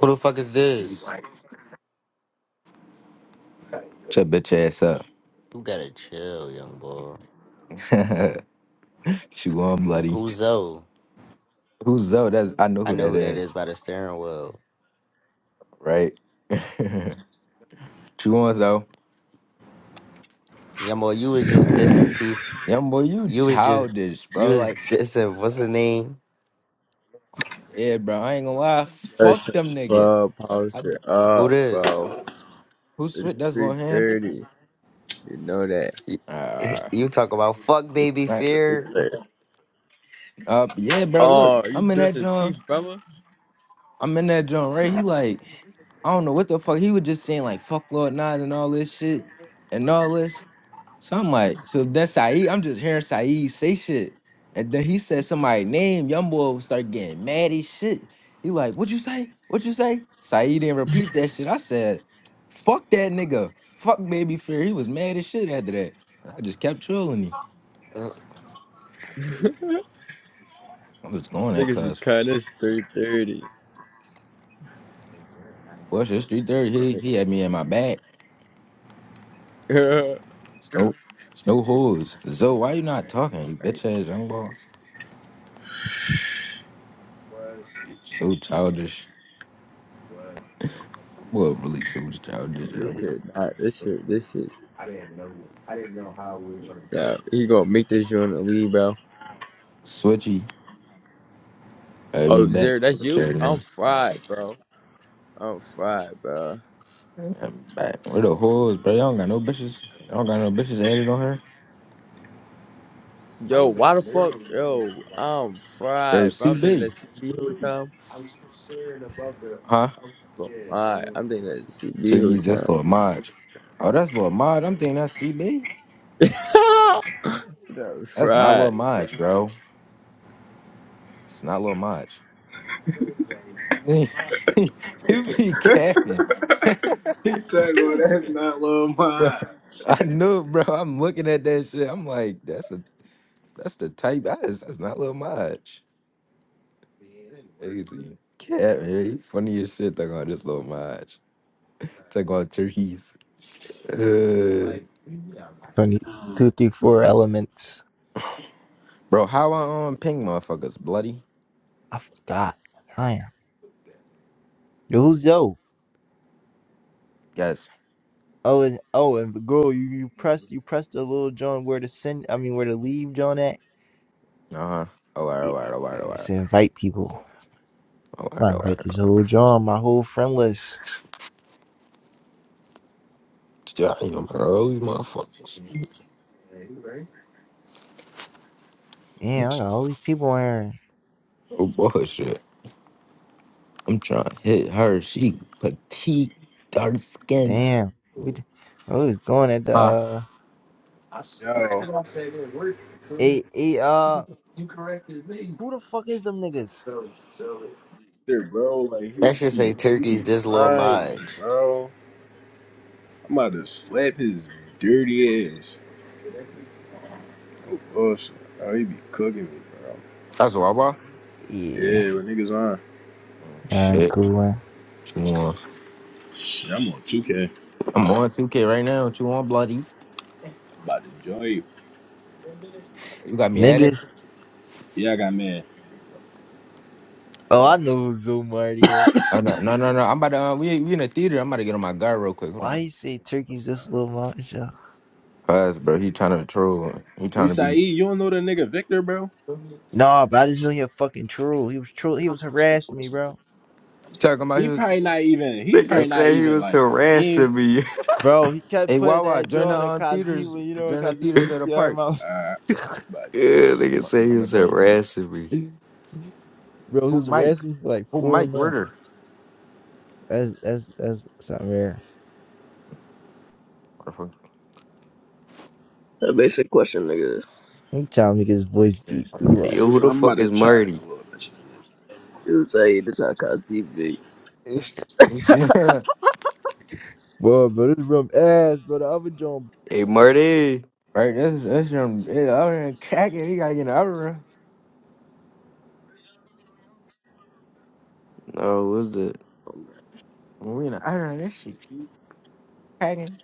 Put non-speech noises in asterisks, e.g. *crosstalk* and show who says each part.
Speaker 1: Who the fuck is this?
Speaker 2: Shut your bitch ass
Speaker 1: You gotta chill, young boy.
Speaker 2: up. *laughs* Chew on, bloody.
Speaker 1: Who's Zoe?
Speaker 2: Who's Zoe? That's I know
Speaker 1: I
Speaker 2: who
Speaker 1: know
Speaker 2: that
Speaker 1: who that is
Speaker 2: is,
Speaker 1: by the steering wheel.
Speaker 2: right? *laughs* Chew on, Zoe.
Speaker 1: Young boy, you was just dissing T.
Speaker 2: Young boy, you
Speaker 1: You was just,
Speaker 2: childish,
Speaker 1: you
Speaker 2: bro.
Speaker 1: was
Speaker 2: Like,
Speaker 1: dissing. What's the name?
Speaker 2: yeah, bro. I ain't gonna lie.
Speaker 3: Go
Speaker 2: Fuck
Speaker 3: to the
Speaker 2: them niggas.
Speaker 3: club,
Speaker 2: I,
Speaker 3: post it
Speaker 1: Who
Speaker 3: up,
Speaker 1: this?
Speaker 3: bro.
Speaker 2: who
Speaker 3: It's
Speaker 2: switch? That's Lil
Speaker 3: three
Speaker 2: Ham.
Speaker 3: thirty. You know that.
Speaker 1: You,
Speaker 2: Uh,
Speaker 1: *laughs* you talk about fuck
Speaker 3: It's
Speaker 1: baby
Speaker 2: right.
Speaker 3: three
Speaker 1: fear.
Speaker 3: thirty.
Speaker 2: uh, yeah, bro. Look,
Speaker 3: Oh, you
Speaker 2: I'm in that
Speaker 3: dissing T,
Speaker 2: John.
Speaker 3: brother?
Speaker 2: I'm in that John, right? He like, I don't know what the fuck. He was just saying like, fuck Lord Nas and all this shit and all this. Somebody. So that's Saeed. I'm just hearing Saeed say shit. And then he said somebody name. Young boy will start getting mad as shit. He like, what you say? What you say? Saeed didn't repeat that shit. I said, fuck that nigga. Fuck baby fear. He was mad as shit after that. And I just kept trolling him.
Speaker 1: Uh,
Speaker 3: *laughs*
Speaker 2: I was going at
Speaker 3: Niggas be
Speaker 2: cuz.
Speaker 3: cutting. It's three thirty.
Speaker 2: What's your street there?
Speaker 3: Like,
Speaker 2: He he had me in my back.
Speaker 3: *laughs*
Speaker 2: Snow snow holes. So why you not talking? You
Speaker 3: like,
Speaker 2: bitch ass young boy. So childish. Boy, really so childish.
Speaker 3: this
Speaker 2: yo.
Speaker 3: shit not. This shit. This shit. Yeah, he gonna make this joint a lead, bro.
Speaker 2: Switchy. Have me
Speaker 3: Oh,
Speaker 2: back.
Speaker 3: Zero, that's you.
Speaker 2: Jerry.
Speaker 3: I'm fried, bro. I'm fried, bro.
Speaker 2: I'm back. Where the hoes, bro? Y'all don't got no bitches. Y'all don't got no bitches added on her.
Speaker 3: Yo, why the fuck? Yo, I'm
Speaker 2: Bro,
Speaker 3: fried, bro. I'm thinking
Speaker 2: CB.
Speaker 3: that's CB who time.
Speaker 2: Huh?
Speaker 3: Alright, I'm thinking that's CB who
Speaker 2: Turkeys,
Speaker 3: time.
Speaker 2: that's Lil Maj. Oh, that's Lil Maj. I'm thinking that's CB.
Speaker 3: *laughs* That's
Speaker 2: That's not
Speaker 3: right.
Speaker 2: Lil Maj, bro. It's not Lil Maj. *laughs* you be capping. *laughs*
Speaker 4: He said, well, that's not Lil
Speaker 2: No,
Speaker 4: Mine.
Speaker 2: I knew, it, bro. I'm looking at that shit. I'm like, that's a that's the type. That's, that's not Lil Maj. Niggas cat, man. You funny as shit. They're gonna just little match. Take on turkeys. *laughs* Uh,
Speaker 5: Twenty, two, three, four elements.
Speaker 2: bro, how I um ping motherfuckers bloody?
Speaker 5: I forgot. Damn. Yo, who's yo?
Speaker 2: Yes.
Speaker 5: Oh, and oh, and the girl, you you press you press the little John where to send. I mean, where to leave John at?
Speaker 2: Uh huh. Alright,
Speaker 5: It,
Speaker 2: alright, alright, alright,
Speaker 5: it's invite people.
Speaker 2: alright,
Speaker 5: I
Speaker 2: alright.
Speaker 5: invite this whole
Speaker 2: alright.
Speaker 5: John, my whole friend list.
Speaker 2: Damn, bro, these motherfuckers.
Speaker 5: Damn, I got all these people on here.
Speaker 2: Oh bullshit. I'm trying to hit her. She petite, dark skin.
Speaker 5: Damn, we d- I was going at the
Speaker 2: Huh?
Speaker 5: uh,
Speaker 6: Yo,
Speaker 5: eight eight uh, who the fuck is them niggas?
Speaker 6: shit, bro, like
Speaker 1: That
Speaker 6: he
Speaker 1: should say
Speaker 6: keep he be
Speaker 1: turkeys this little
Speaker 6: frying me,
Speaker 1: Maj.
Speaker 6: bro. I'm about to slap his dirty ass. Oh bullshit. Oh, he be cooking me, bro.
Speaker 2: That's Wawa.
Speaker 5: Yeah,
Speaker 6: Yeah, when niggas on.
Speaker 2: Mm,
Speaker 5: uh,
Speaker 2: Shit.
Speaker 5: cool one.
Speaker 2: What you want?
Speaker 6: Shit, I'm on 2K.
Speaker 2: I'm on 2K right now. What you want, bloody?
Speaker 6: About to join you.
Speaker 2: You got me at
Speaker 5: Niggas.
Speaker 6: Yeah, I got mad.
Speaker 5: Oh, I
Speaker 2: it.
Speaker 5: know who Zoom Marty is.
Speaker 2: Oh no, no, no, no! I'm about to. Uh, we we in the theater. I'm about to get on my guard real quick. Hold
Speaker 5: Why
Speaker 2: on.
Speaker 5: you say turkeys this little monster?
Speaker 2: Cause bro, he trying to troll. He
Speaker 6: We
Speaker 2: trying to be
Speaker 6: say, "E, you don't know the nigga Victor, bro?
Speaker 5: Nah, bro, I just knew he a fucking troll. He was troll. He was harassing me, bro.
Speaker 2: talking about he
Speaker 6: He
Speaker 2: was.
Speaker 6: probably not even. He
Speaker 7: They can
Speaker 2: Hey,
Speaker 6: probably not
Speaker 7: say he
Speaker 6: even
Speaker 7: was
Speaker 6: like. Yeah.
Speaker 7: harassing me.
Speaker 5: Bro, he kept
Speaker 2: hey
Speaker 5: putting
Speaker 2: Wawa,
Speaker 5: that
Speaker 2: join the
Speaker 5: joint on
Speaker 2: um,
Speaker 5: Kazi
Speaker 2: theaters.
Speaker 5: when you know what
Speaker 2: Join the
Speaker 5: Kazi
Speaker 7: *laughs* yeah,
Speaker 2: theaters of the
Speaker 5: PTR
Speaker 2: park.
Speaker 5: mouth.
Speaker 6: Alright.
Speaker 5: *laughs*
Speaker 6: About to join that, bro.
Speaker 7: they can
Speaker 2: I'm
Speaker 7: say he
Speaker 2: gonna
Speaker 7: was
Speaker 2: join you.
Speaker 7: harassing me.
Speaker 5: bro, he
Speaker 2: Who
Speaker 5: was
Speaker 2: Mike?
Speaker 5: harassing me for like
Speaker 2: Who
Speaker 5: four
Speaker 2: Mike Ritter?
Speaker 5: months. That's that's that's something rare.
Speaker 2: What the fuck?
Speaker 8: A basic question, nigga.
Speaker 5: I'm trying to make his voice
Speaker 2: Bitch
Speaker 5: deep.
Speaker 2: ass
Speaker 5: Cool up,
Speaker 7: Yo,
Speaker 6: Hold
Speaker 7: who
Speaker 6: on,
Speaker 7: the
Speaker 6: I'm about
Speaker 7: fuck
Speaker 6: to
Speaker 7: is
Speaker 6: try it in
Speaker 7: Marty?
Speaker 6: a little bit.
Speaker 8: You say this how I conceive be.
Speaker 5: *laughs*
Speaker 2: nut.
Speaker 5: bro. Bro, this room ass, bro. The other joint
Speaker 7: Hey, Marty.
Speaker 2: *laughs* right, this this from this other here cracking. We gotta get in the other room.
Speaker 7: No, who's the?
Speaker 2: When we in the other room, this shit cracking.